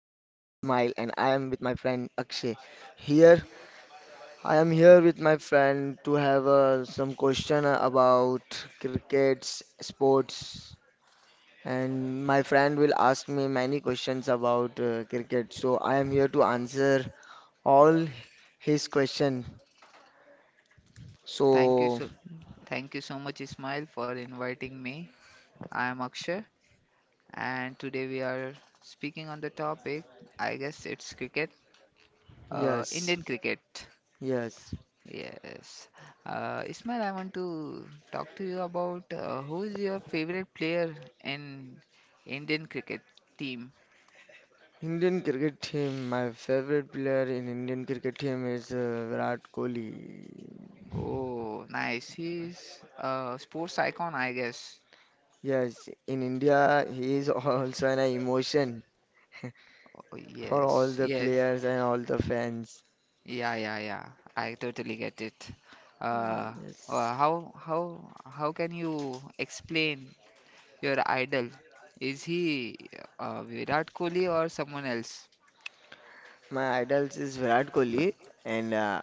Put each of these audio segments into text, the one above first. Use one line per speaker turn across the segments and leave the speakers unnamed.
Smile and I am with my friend Akshay. Here I am here with my friend to have some question about crickets, sports and my friend will ask me many questions about cricket. So I am here to answer all his question.
Thank you
So
so Thank you so much, Ismail, for inviting me. I am Akshay, and today we are speaking on the topic, I guess it's cricket,
yes,
Indian cricket.
yes.
Yes. Ismail, I want to talk to you about who is your favorite player in Indian cricket team.
Indian cricket team, my favorite player in Indian cricket team is Virat Kohli.
Oh, nice. He's a sports icon, I guess.
Yes, in India, he is also an emotion
Oh,
for all
yes.
the
Yes.
players and all the fans.
Yeah, yeah, yeah. I totally get it. Uh,
Yes,
how can you explain your idol? Is he Virat Kohli or someone else?
my idols is Virat Kohli, and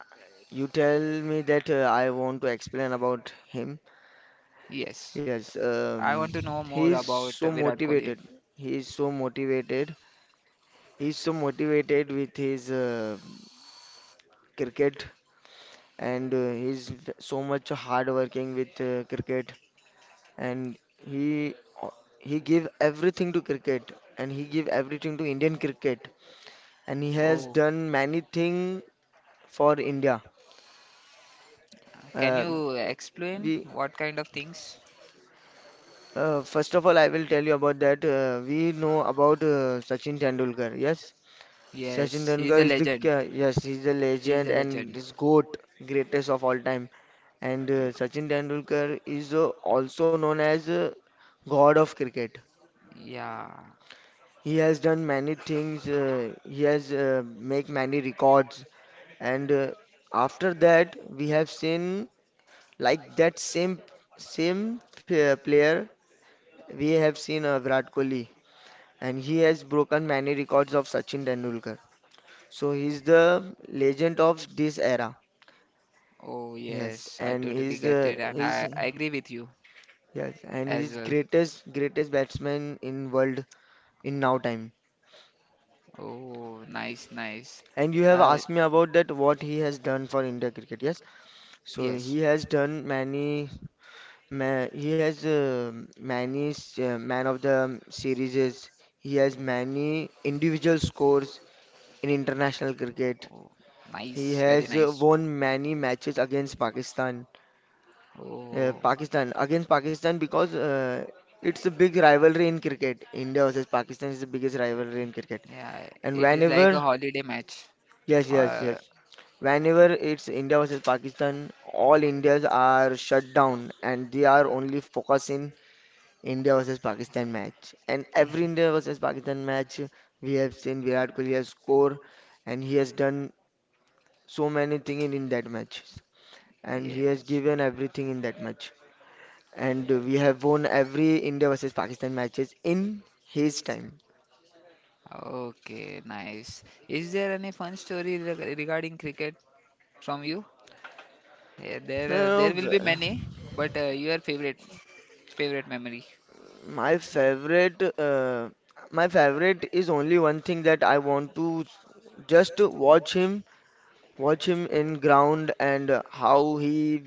you tell me that I want to explain about him.
Yes,
Yes,
I want to know
he
more
is
about
so
Virat Kohli.
motivated. He is so motivated. He is so motivated with his cricket and he's so much hard working with cricket and he o- he give everything to cricket and he give everything to Indian cricket and he has
Oh,
done many thing for India.
can
Uh,
you explain
we
what kind of things?
First of all I will tell you about that we know about Sachin Tendulkar. Yes, Sachin
Yes, he's
Tendulkar
a
is the
legend.
yes he's a
He's a
legend and
legend.
is goat, greatest of all time, and
Y-
Sachin Tendulkar is also known as god of cricket.
Yeah.
He has done many things. He has make many records, and after that we have seen like that same player we have seen Virat Kohli, and he has broken many records of Sachin Tendulkar. So he's the legend of this era.
Oh,
Yes,
yes, I
and
totally
he's
get
uh,
it, and
he's
I agree with you
yes, and
as
he's
well.
greatest batsman in world in now time.
Oh, nice, nice.
And you have
Uh,
asked me about that what he has done for India cricket. Yes. So
yes.
he has done many, ma he has many man of the series. He has many individual scores in international cricket.
Oh,
He
nice, very
has
nice.
won many matches against Pakistan. Uh,
Oh,
Pakistan against Pakistan because it's a big rivalry in cricket. India versus Pakistan is the biggest rivalry in cricket.
yeah.
And
It is like a
whenever,
holiday match.
yes, yes,
Uh,
yes, whenever it's India versus Pakistan, all Indians are shut down and they are only focusing India versus Pakistan match. And every India versus Pakistan match we have seen Virat Kohli has scored and he has done so many things in that match. And he has
yes.
given everything in that match. And we have won every India versus Pakistan matches in his time.
Okay, nice. Is there any fun story regarding cricket from you? Yeah, there, uh,
Uh,
there will be many,
v-
but your favorite memory.
my favorite my favorite is only one thing, that I want to just watch him in ground and how he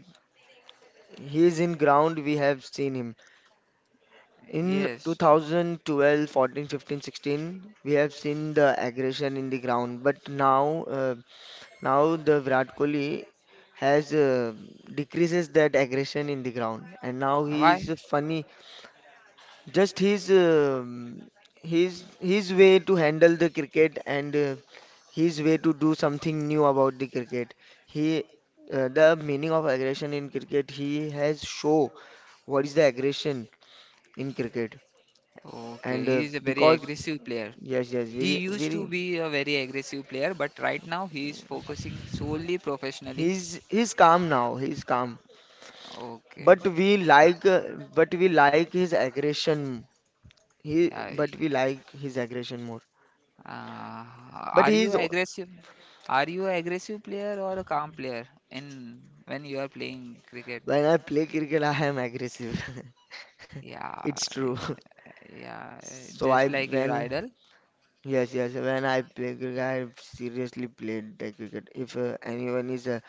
he is in ground. We have seen him in
Yes.
2012, 14, 15, 16. We have seen the aggression in the ground, but now, now the Virat Kohli has decreases that aggression in the ground, and now he's
Why?
funny. Just his way to handle the cricket and his way to do something new about the cricket. He The meaning of aggression in cricket. He has show what is the aggression in cricket
Okay,
and
he is a very
because
aggressive player.
yes, yes, very,
He used to
very.
be a very aggressive player, but right now he is focusing solely professionally.
He's calm now. He's calm.
Okay.
But we like, uh, but we like his aggression.
Yeah.
But we like his aggression more.
Uh,
But
are you
he's o-
aggressive? Are you an aggressive player or a calm player in when you are playing cricket?
when I play cricket, I am aggressive.
Yeah,
It's true.
yeah,
So
just
I
like your
when
idol.
yes, yes, when I play cricket, I seriously played the cricket. If anyone is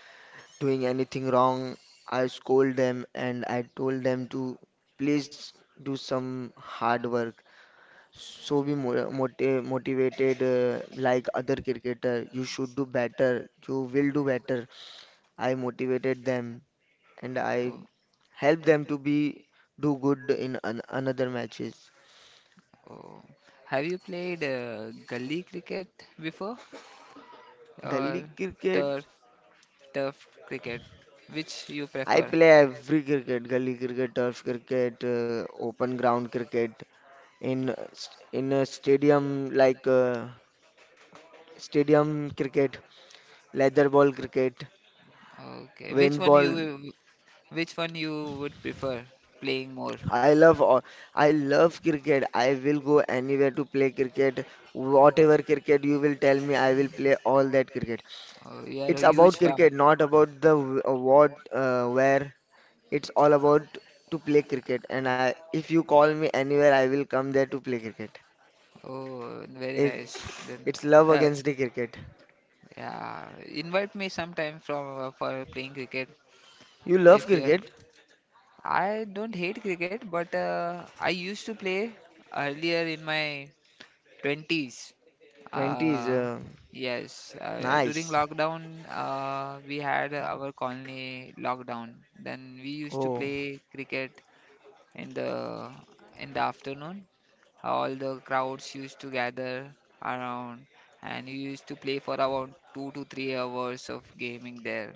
doing anything wrong, I scold them and I told them to please do some hard work. So be motivated like other cricketer. You should do better. You will do better. I motivated them and I
Oh,
helped them to be do good in another matches.
oh. Have you played gully cricket before
Gully
or
cricket.
turf turf cricket? Which you
I
prefer?
play every cricket. Gully cricket, turf cricket, open ground cricket. In in a stadium like stadium cricket, leather ball cricket,
Okay,
wind ball.
which one you would prefer playing more?
I love all. I love cricket. I will go anywhere to play cricket. Whatever cricket you will tell me, I will play all that cricket.
Oh, you are
It's
a huge
about
fan.
cricket, not about where. It's all about to play cricket. And I, if you call me anywhere, I will come there to play cricket.
Oh, very nice.
It's
Then,
it's love
uh,
against the cricket.
yeah, invite me sometime from for playing cricket
You love
if you're.
cricket?
I don't hate cricket, but I used to play earlier in my 20s.
20 is
Uh, yes, during
nice.
lockdown, we had our colony lockdown. Then we used to
Oh,
play cricket in the in the afternoon. All the crowds used to gather around, and we used to play for about 2 to 3 hours of gaming there.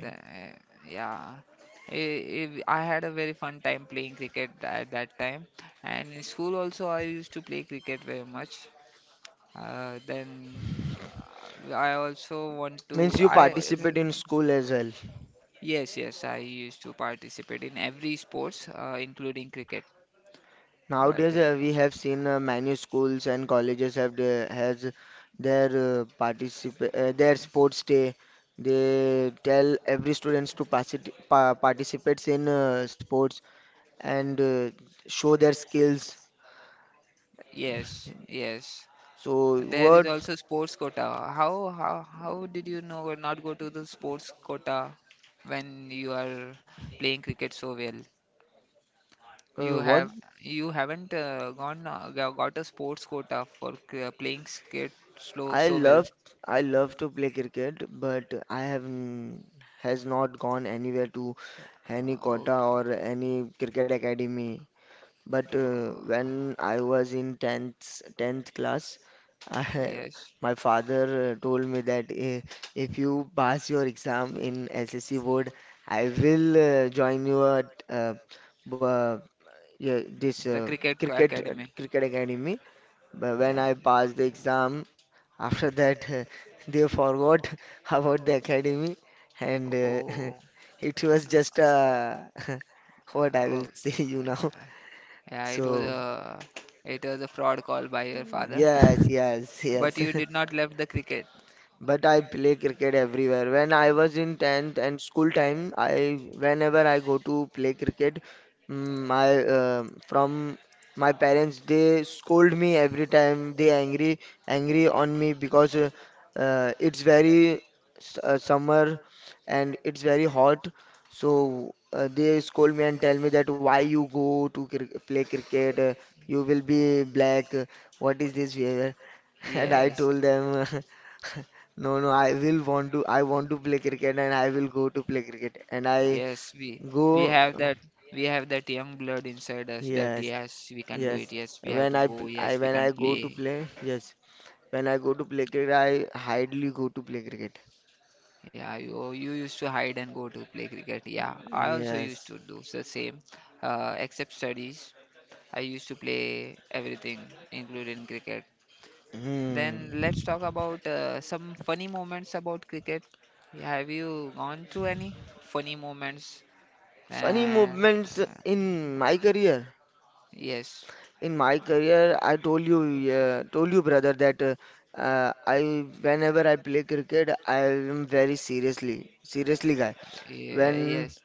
The, uh, yeah. I had a very fun time playing cricket at that time, and in school also I used to play cricket very much. Then I also want
Means
to.
you
I
participate in school as well.
Yes, yes, I used to participate in every sports, including cricket. But
Nowadays, we have seen many schools and colleges have has their particip their sports day. They tell every students to participates in sports and show their skills.
yes, yes,
So
there is
what
also sports quota. How did you know or not go to the sports quota when you are playing cricket so well?
uh,
You
what
have you haven't gone got a sports quota for playing cricket slow
I
so well.
love, I love to play cricket, but I have has not gone anywhere to any
Uh,
quota or any cricket academy. But
okay.
when I was in 10th class, I,
Yes,
my father told me that if you pass your exam in SSC board, I will join you at b- yeah, this
the Cricket
cricket
Academy.
cricket academy. But when
Yeah.
I passed the exam, after that they forgot about the academy, and
Oh,
it was just what I
oh.
will say you now.
Yeah, it was
So.
a it was a fraud call by your father.
Yes, yes,
But
yes.
you did not left the cricket.
But I play cricket everywhere. When I was in 10th and school time, I whenever I go to play cricket, mm, my uh, from my parents they scold me every time. They angry on me because it's very summer and it's very hot. So they scold me and tell me that why you go to cri play cricket? You will be black. What is this behavior? And I
Yes.
told them, no, no, I will want to, I want to play cricket and I will go to play cricket. And I
Yes, we
go,
have that young blood inside us that
yes,
yes, we can do
yes.
it. Yes, we have to go. Yes, we
When
can
I go to
play.
play, yes. When I go to play cricket, I hardly go to play cricket.
Yeah, you used to hide and go to play cricket. Yeah, I also used
Yes.
to do the same, except studies. I used to play everything, including cricket.
Hmm.
Then let's talk about some funny moments about cricket. Have you gone through any funny moments?
Funny
And
movements in my career.
yes,
In my career, I told you, yeah, told you, brother, that I whenever I play cricket, I am very seriously, seriously guy.
yeah,
When
yes.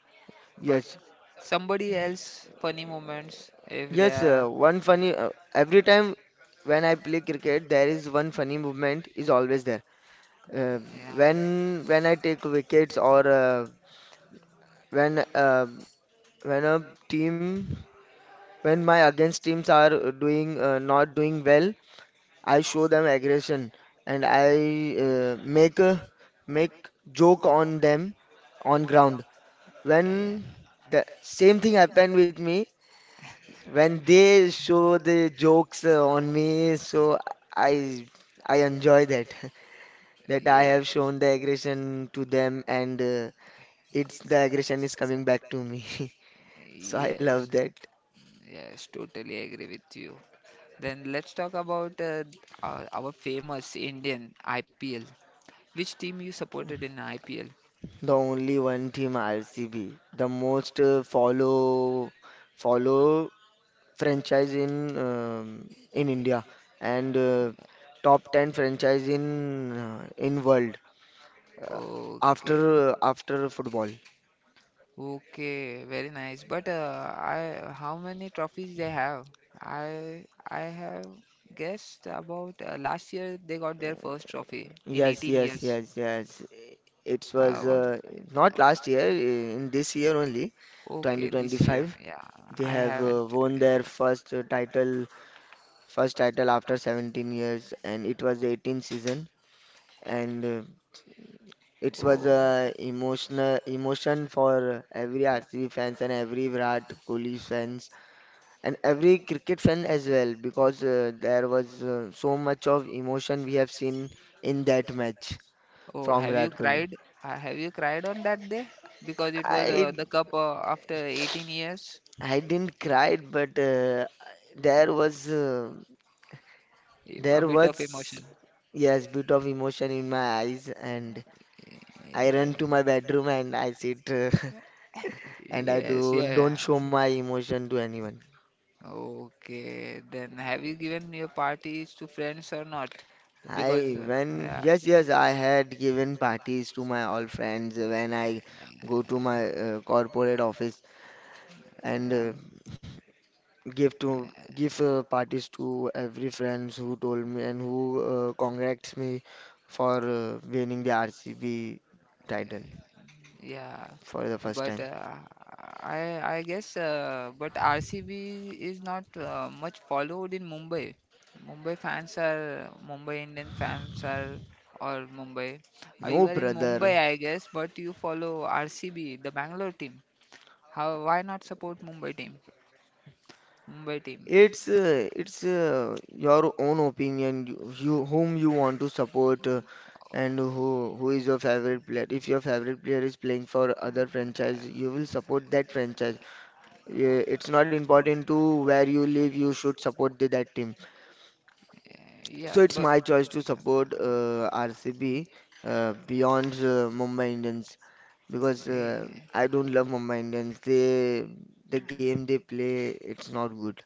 But
yes,
somebody else funny moments if they
yes,
are,
one funny every time when I play cricket, there is one funny movement is always there. Uh,
yeah,
when I take wickets or when uh, when a team when my against teams are doing not doing well, I show them aggression and I make joke on them on ground. When the same thing happened with me, when they show the jokes on me, so I I enjoy that that
yeah,
I
yeah,
have shown the aggression to them and it's the aggression is coming back to me. So I love
yes,
that.
yes. Totally agree with you. Then let's talk about our, famous Indian IPL. Which team you supported in IPL?
The only one team RCB, the most follow franchise in India and top 10 franchise in world uh,
Okay,
after after football.
okay, very nice. But how many trophies they have? I have guessed about last year they got their first trophy in
Yes,
18, yes,
yes,
years.
yes, yes. It was
What?
not last year, in this year only,
Okay, this year.
2025.
Yeah,
They
I
have
haven't.
won their first title, first title after 17 years, and it was the 18th season. And It was a emotional emotion for every RCB fans and every Virat Kohli fans and every cricket fan as well because there was so much of emotion we have seen in that match
Oh, oh,
from
have you
Virat Kohli.
cried? Have you cried on that day? Because it was
I
the cup after 18 years.
I didn't cry, but there was uh,
A Yeah,
there
bit of was
was
emotion.
yes bit of emotion in my eyes, and
Yeah,
I
yeah,
run
yeah.
to my bedroom and I sit and I
Yes,
do don't
yeah.
show my emotion to anyone.
Okay, then have you given your parties to friends or not? Because
I when
Yeah,
yes, yes, I had given parties to my all friends when I go to my corporate office and
yeah,
give parties to every friends who told me and who congrats me for winning the RCB title
yeah.
for the first
But
time.
I guess, but RCB is not much followed in Mumbai. Mumbai fans are Mumbai Indian fans are, or Mumbai. You
No
are in
brother,
Mumbai, I guess, but you follow RCB, the Bangalore team. How? Why not support Mumbai team? Mumbai team.
it's your own opinion, you whom you want to support, and who is your favorite player. If your favorite player is playing for other
Uh,
franchise, you will support that franchise. Yeah, it's not important to where you live. You should support that team.
Yeah,
So it's
but
my choice to support RCB beyond Mumbai Indians because
eh,
I don't love Mumbai Indians. The game they play, it's not good.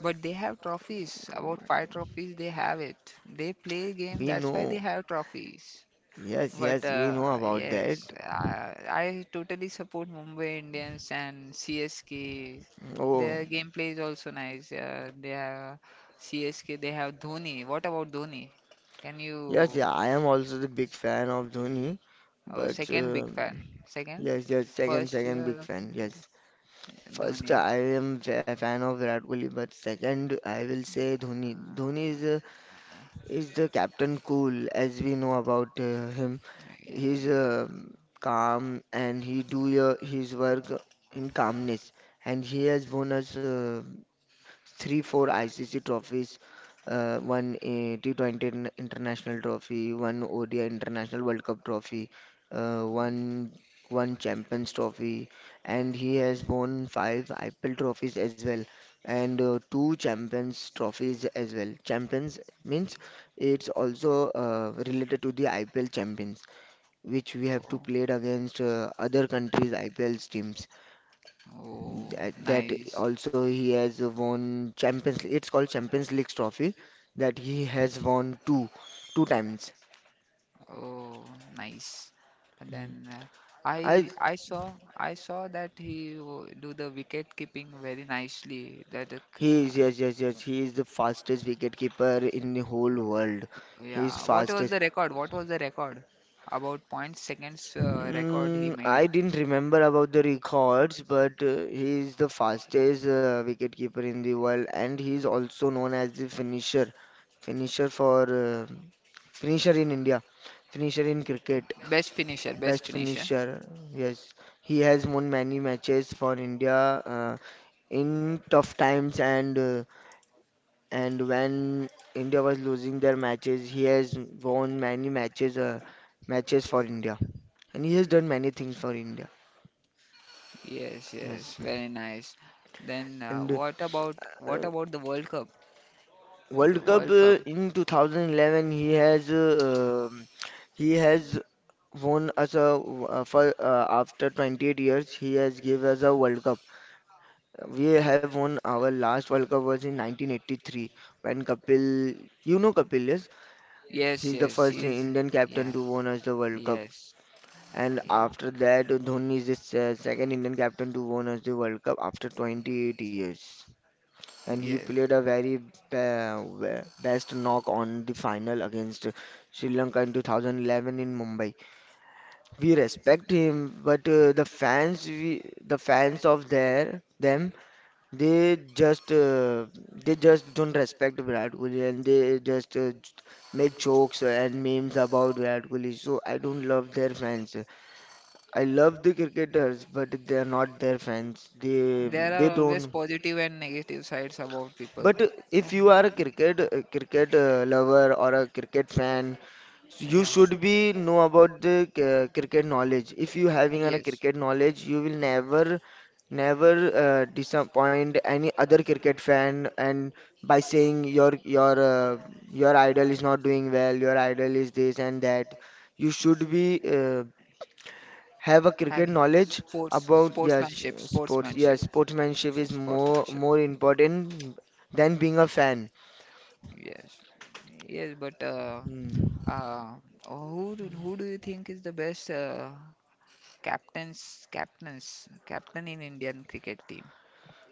but they have trophies. About five trophies, they have it. They play game,
We
that's why they
know
have trophies.
Yes,
But
yes, we know about that.
yes, I totally support Mumbai Indians and CSK.
Oh,
Their gameplay is also nice. They have CSK. They have Dhoni. What about Dhoni? Can you?
yes, yeah, I am also the big fan of Dhoni,
Oh,
but
second big fan. Second,
yes, yes, second,
first
second
year
big
of
fan. Yes, first
Dhoni.
I am a fan of Virat Kohli, but second I will say Dhoni. Dhoni is the captain cool as we know about him. He's
Yeah, yeah.
calm and he do his work in calmness, and he has won us. Three, four ICC trophies, one T20 international trophy, one ODI international World Cup trophy, uh, one one Champions trophy, and he has won five IPL trophies as well, and two Champions trophies as well. Champions means it's also related to the IPL champions, which we have to
Oh,
played against other countries' IPL teams.
oh,
That
nice.
also he has won Champions League. It's called Champions League trophy that he has won two times.
Oh, nice. And
Mm.
then
I
I I saw I saw that he do the wicket keeping very nicely.
he is Yes, yes, yes, he is the fastest wicketkeeper in the whole world. He is
Yeah. What was
fastest.
the record? What was the record? About point seconds record he made.
I didn't remember about the records, but he is the fastest wicket in the world, and he is also known as the finisher, finisher for finisher in India, finisher in cricket.
Best finisher. Best
Best
finisher.
finisher, yes. He has won many matches for India in tough times and when India was losing their matches, he has won many matches for India, and he has done many things for India.
Yes, yes.
Yes,
Very nice. Then
and uh,
what about the World Cup? The
World Cup
World Cup.
in 2011, he has won us a for after 28 years, he has given us a World Cup. We have won our last World Cup was in 1983 when Kapil, you know Kapil, yes?
Yes,
He's the
yes.
first
He's
Indian
Yeah.
captain to won us the World Cup.
Yes.
And
Yeah.
after that, Dhoni is the second Indian captain to won us the World Cup after 28 years. And he played
Yes,
a very best knock on the final against Sri Lanka in 2011 in Mumbai. We respect him, but the fans, we, the fans of there, them. They just uh, they just don't respect Virat Kohli, and they just make jokes and memes about Virat Kohli. So I don't love their fans. I love the cricketers, but they are not their fans. They
there
they
are always
don't.
positive and negative sides about people.
But if
Um,
you are a cricket cricket lover or a cricket fan, so you
yeah.
should be know about the cricket knowledge. If you having a
Yes,
cricket knowledge, you will never never disappoint any other cricket fan and by saying your idol is not doing well, your idol is this and that. You should be have a cricket
having
knowledge about, yes, sports.
sportsmanship,
Yes, sportsmanship
yeah,
is more
sportsmanship.
more important than being a fan.
Yes, yes, but
Hmm.
uh, who do you think is the best captain in Indian cricket team?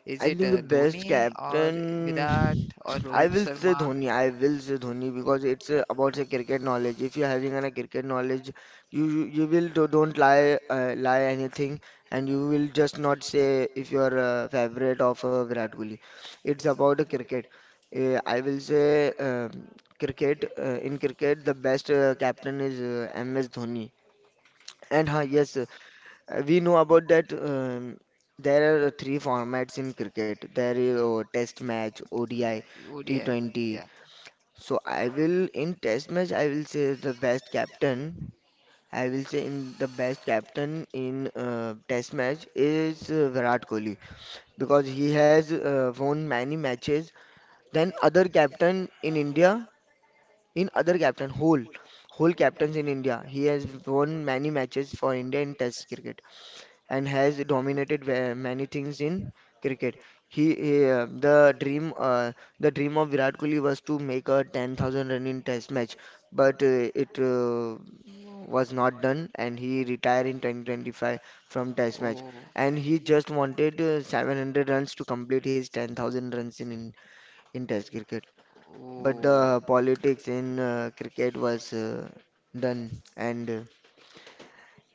Is
I
it
think the best
Dhoni or
captain,
Virat or
I
Rohit
will say
Sharma?
Dhoni. I will say Dhoni because it's about the cricket knowledge. If you're having a cricket knowledge, you will don't lie anything, and you will just not say if you're a favorite of Virat Kohli. It's about the cricket. I will say cricket. In cricket, the best captain is MS Dhoni. And yes, we know about that. There are three formats in cricket. There is a Test match, ODI,
ODI.
T20.
Yeah.
So I will in Test match I will say the best captain. I will say in the best captain in Test match is Virat Kohli because he has won many matches than other captain in India. In other captain whole captains in India, he has won many matches for India in Test cricket and has dominated many things in cricket. He, the dream of Virat Kohli was to make a 10,000 run in Test match, but it was not done, and he retired in 2025 from Test match.
Oh,
And he just wanted 700 runs to complete his 10,000 runs in Test cricket. But the politics in cricket was done, and uh,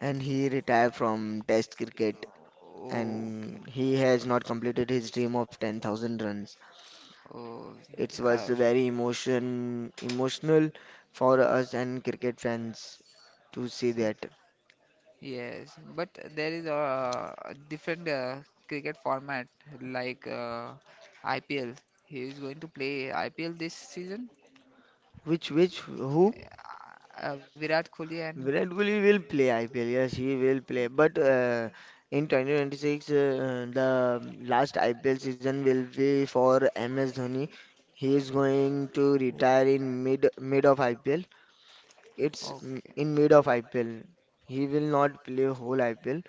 and he retired from Test cricket,
okay.
and he has not completed his dream of 10,000 runs.
Oh,
It was
uh,
very emotional for us and cricket fans to see that.
yes. But there is a different cricket format like IPL. He is going to play IPL this season.
Which who?
Virat Kohli and.
Virat Kohli will play IPL. Yes, he will play. But in 2026, the last IPL season will be for MS Dhoni. He is going to retire in mid of IPL. It's
Okay,
in mid of IPL. He will not play whole IPL.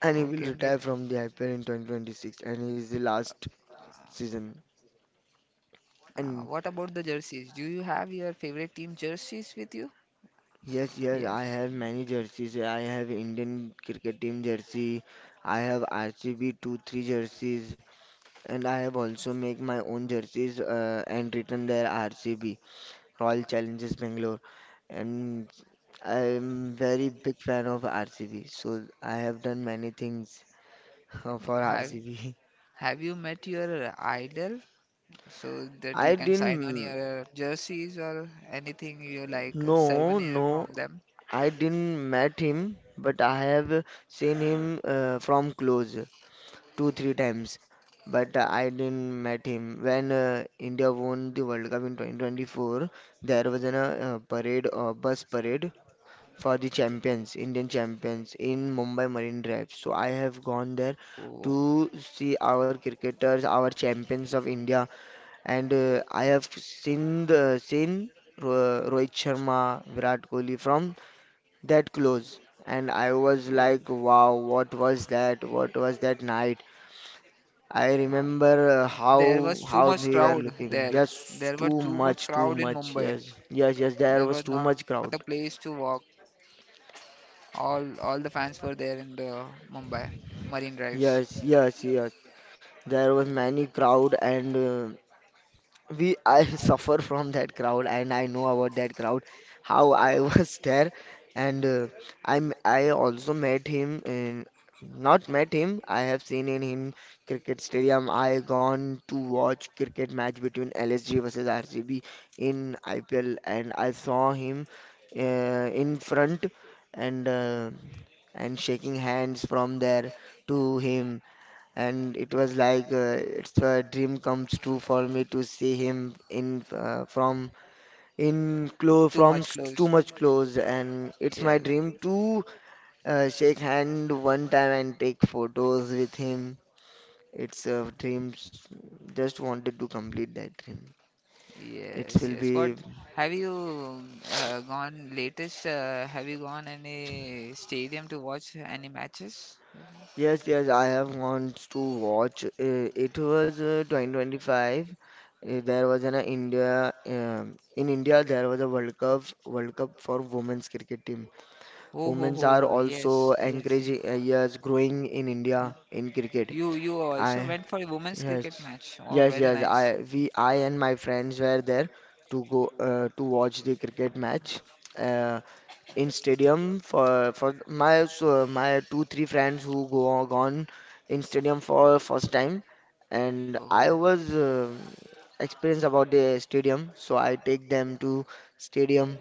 And he will
okay, mate.
retire from the IPL in 2026, and he is the last season.
What
And
about the jerseys? Do you have your favorite team jerseys with you?
yes, yes, I
Yes.
have many jerseys. I have Indian cricket team jersey. I have RCB 2-3 jerseys, and I have also make my own jerseys, and written there RCB, Royal Challengers Bangalore. And I am very big fan of RCB, so I have done many things for
Have
RCB.
Have you met your idol so that you
I
can sign on
didn't
your jerseys or anything you like,
No,
souvenir
no,
from them?
I didn't met him, but I have seen him from close two three times. But I didn't met him when India won the World Cup in 2024. There was an parade, bus parade for the champions, Indian champions in Mumbai Marine Drive. So I have gone there
Oh,
to see our cricketers, our champions of India, and I have seen seen Ro Rohit Sharma, Virat Kohli from that close. And I was
oh.
like, wow, what was that? What was that night? I
Uh,
remember
There
how
was too
how
much
they were
crowd
looking.
there.
Yes,
There were
too
too much
much, too
crowd in
much.
Mumbai.
Yes, yes, yes. There
There
was
was
too
not a
much
place
crowd.
to walk. All the fans were there in the Mumbai Marine Drives.
Yes, yes, yes. There was many crowd, and we I suffer from that crowd, and I know about that crowd how I was there, and I also met him in not met him I have seen in him cricket stadium. I gone to watch cricket match between LSG versus RCB in IPL, and I saw him uh, in front, and uh, and shaking hands from there to him. And it was like it's a dream comes true for me to see him in close
Too
from
much
too
close.
much close, and it's my
Yes,
dream to shake hand one time and take photos with him. It's a dreams, just wanted to complete that dream. It
yes,
will
yes. What
be.
have you gone latest? Have you gone any stadium to watch any matches?
Yes, yes, I have wants to watch. It was 2025. There was an India in India there was a World Cup for women's cricket team.
Oh, ho,
Women's are
ho.
also
Yes, yes, yes.
encouraging, yes, growing in India in cricket.
You you
I
also went for a women's
Yes,
cricket match. Oh,
yes,
very
yes, I
nice.
we I and my friends were there to go to watch the cricket match. Uh, in stadium for my, so my two three friends who go gone in stadium for first time, and I
Oh,
was experienced about the stadium, so I take them to stadium.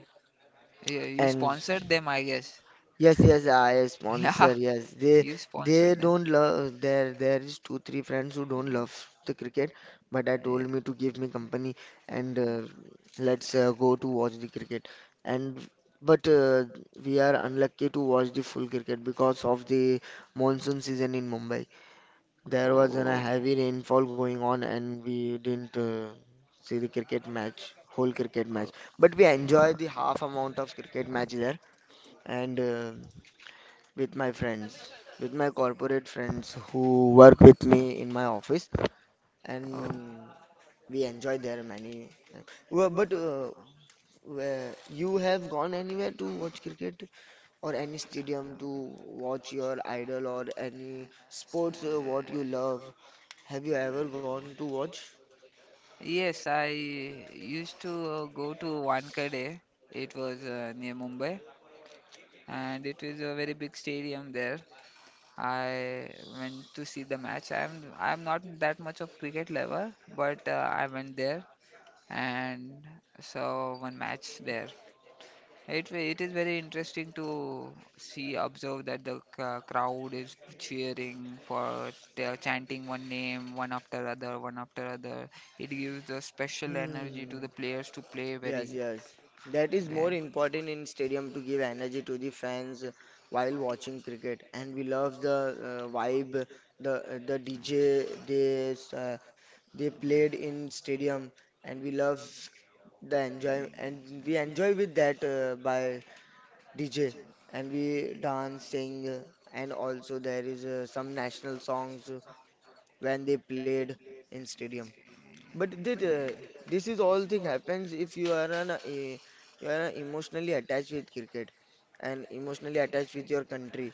yeah, you
And
sponsored them, I guess.
yes, yes, I
Yeah,
sponsor. Yes, they
you
they
sponsored them.
don't love. There is two three friends who don't love the cricket, but I told
Yeah.
me to give me company and let's go to watch the cricket. And but we are unlucky to watch the full cricket because of the monsoon season in Mumbai. There was a
Oh,
heavy rainfall going on, and we didn't see the cricket match, whole cricket match.
oh,
But we enjoyed the half amount of cricket match there and. With my friends, with my corporate friends who work with me in my office,
oh.
and we enjoy there many. Well, but where you have gone anywhere to watch cricket or any stadium to watch your idol or any sports what you love? Have you ever gone to watch?
Yes, I used to go to Wankhede. It was near Mumbai, and it is a very big stadium there. I went to see the match. I'm not that much of cricket lover, but I went there and saw one match there. It is very interesting to see observe that the crowd is cheering for they're chanting one name one after other. It gives a special energy to
Hmm.
the players to play very.
Yes, yes. That is
eh,
more important in stadium to give energy to the fans while watching cricket. And we love the vibe, the DJ they played in stadium, and we love the enjoy, and we enjoy with that by DJ, and we dance, sing, and also there is some national songs when they played in stadium. But did this is all thing happens if you are an you are emotionally attached with cricket and emotionally attached with your country,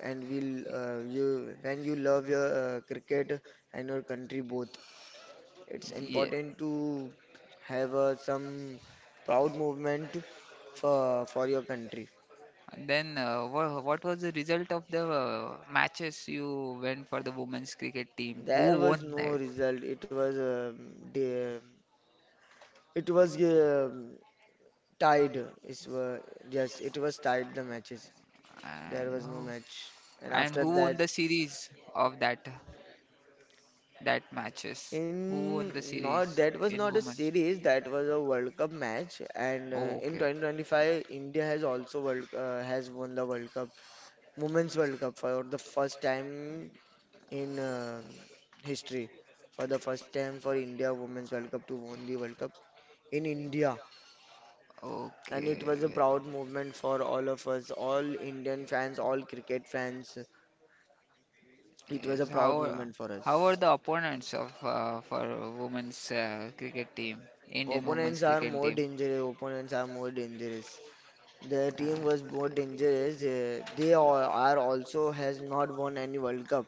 and will you when you love your cricket and your country both, it's
yeah.
important to have some proud movement for your country.
And then what was the result of the matches you went for the women's cricket team? Who
There was
won
no
that?
result. It was the, it was tied. It's, yes, it was tied the matches.
And
There was no
who?
match. And
And
after
who won
that,
the series of that matches? Who won the
in
series
not that was
in
not a
women's?
series, that was a World Cup match. And in
Okay,
2025, India has also World has won the World Cup, Women's World Cup for the first time in history. For the first time for India Women's World Cup to win the World Cup in India, and it was a
okay.
proud moment for all of us, all Indian fans, all cricket fans. It was a
Yes,
proud
how
moment for
are
us.
the opponents of, for women's cricket team, Indian women's
Opponents are
cricket
more
team?
dangerous. Opponents are more dangerous. The team
Uh,
was more dangerous. They all are also has not won any World Cup.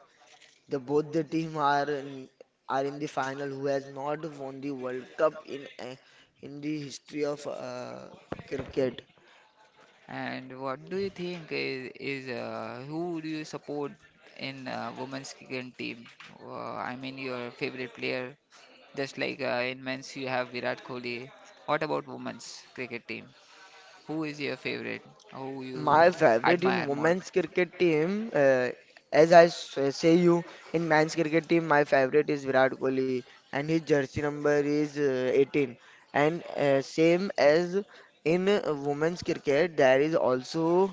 The both the team are in the final who has not won the World Cup in the history of cricket.
And what do you think is, who do you support in women's cricket team? I mean, your favorite player, just like in men's you have Virat Kohli. What about women's cricket team? Who is your favorite? Who you
My favorite in
admire more?
women's cricket team, as I say you, in men's cricket team, my favorite is Virat Kohli, and his jersey number is 18. And same as in women's cricket, there is also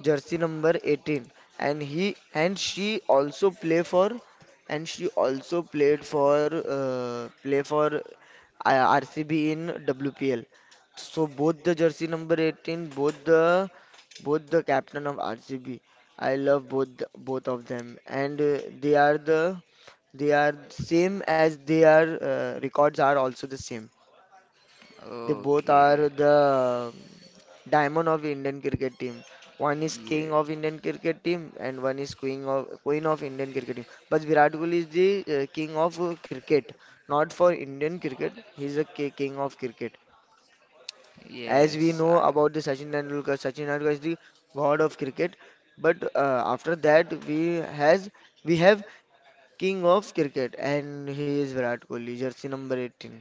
jersey number 18, and he and she also play for also played for play for RCB in WPL, so both the jersey number 18, both the captain of RCB. I love both of them, and they are same as they are records are also the same. They both are
Okay,
the diamond of Indian cricket team. One is
yeah,
king of Indian cricket team, and one is queen of Indian cricket team. But Virat Kohli is the king of cricket, not for Indian cricket. He is the king of cricket. As we
yes.
know about the Sachin Tendulkar, Sachin Tendulkar is the god of cricket. But after that, we have king of cricket, and he is Virat Kohli, jersey number 18.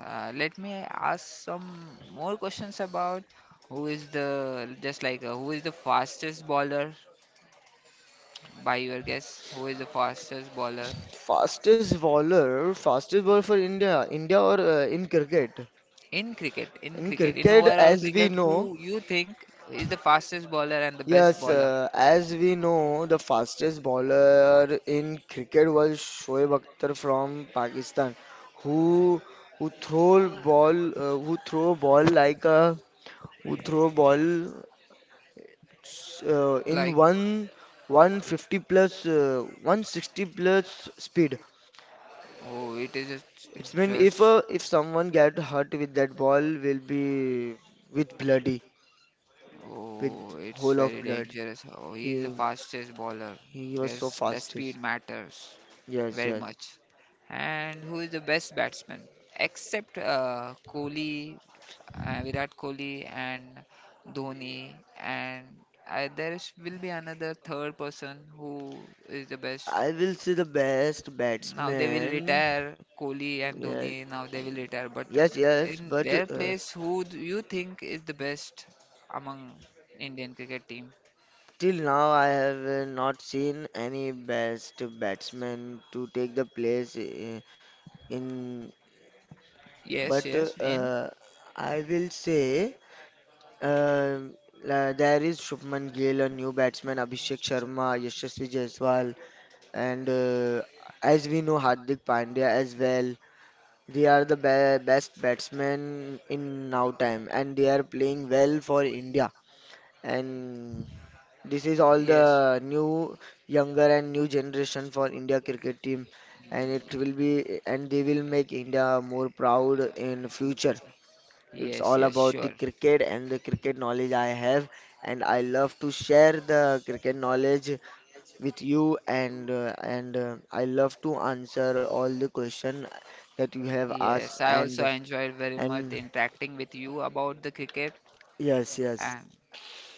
Let me ask some more questions about who is the just like, who is the fastest bowler. By your guess, who is the fastest bowler
Fastest bowler for India, India or in cricket?
in
In
cricket in
cricket,
overall
as we
cricket?
know,
Who you think is the fastest bowler and the best
yes,
bowler,
as we know, the fastest bowler in cricket was Shoaib Akhtar from Pakistan, who who throw ball like a who throw ball in
like.
one 150 plus 160 plus speed.
Oh, it is
It's been
just.
if someone get hurt with that ball will be with bloody with
Oh, it's
whole of
very
blood.
dangerous. Oh, he is the
He
fastest bowler.
he was
Guess
so
the speed
fastest.
matters
Yes, yes.
very
Yes.
much. And who is the best batsman, except Kohli Virat Kohli and Dhoni, and there is, will be another third person who is the best.
I will say the best
Now they will
batsman.
retire Kohli and
Yes,
Dhoni. Now they will retire, but
yes, yes.
in
But
their place, who do you think is the best among Indian cricket team?
till now I have not seen any best batsman to take the place in.
Yes,
But
yes, in
uh, I will say. Um, there is Shubman Gill, a new batsman, Abhishek Sharma, Yashasvi Jaiswal, and as we know, Hardik Pandya as well. They are the best batsmen in now time, and they are playing well for India. And this is all
yes,
the new, younger and new generation for India cricket team, and it will be, and they will make India more proud in future. It's
yes,
all
yes,
about the
sure.
cricket and the cricket knowledge I have, and I love to share the cricket knowledge with you. And I love to answer all the question that you have
Yes,
asked.
I also
And
enjoyed very much
and
interacting with you about the cricket
yes, yes.
and.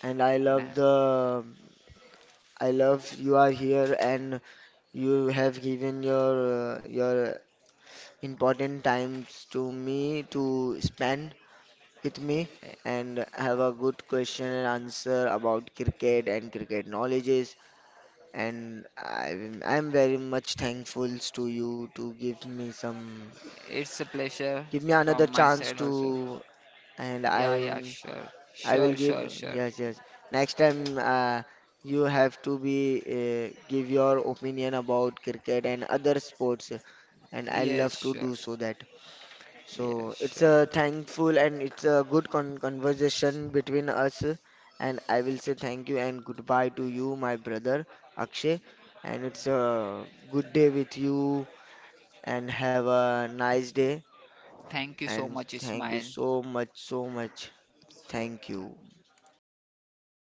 And I love
And.
you are here, and you have given your important times to me to spend with me and have a good question and answer about cricket and cricket knowledges. And I'm very much thankful to you to give me some,
It's a pleasure
give me another
from my
chance
side also.
to, and
Yeah, yeah,
I'm,
sure.
I will
Sure,
give,
sure, sure.
yes, yes. Next time, you have to be, give your opinion about cricket and other sports, and I
Yes,
love to
sure.
do so that.
Yes,
So it's a
sure.
thankful, and it's a good conversation between us. And I will say thank you and goodbye to you, my brother Akshay. And it's a good day with you and have a nice day.
Thank you so
And
much,
thank you
Ismail.
so much, so much. Thank you.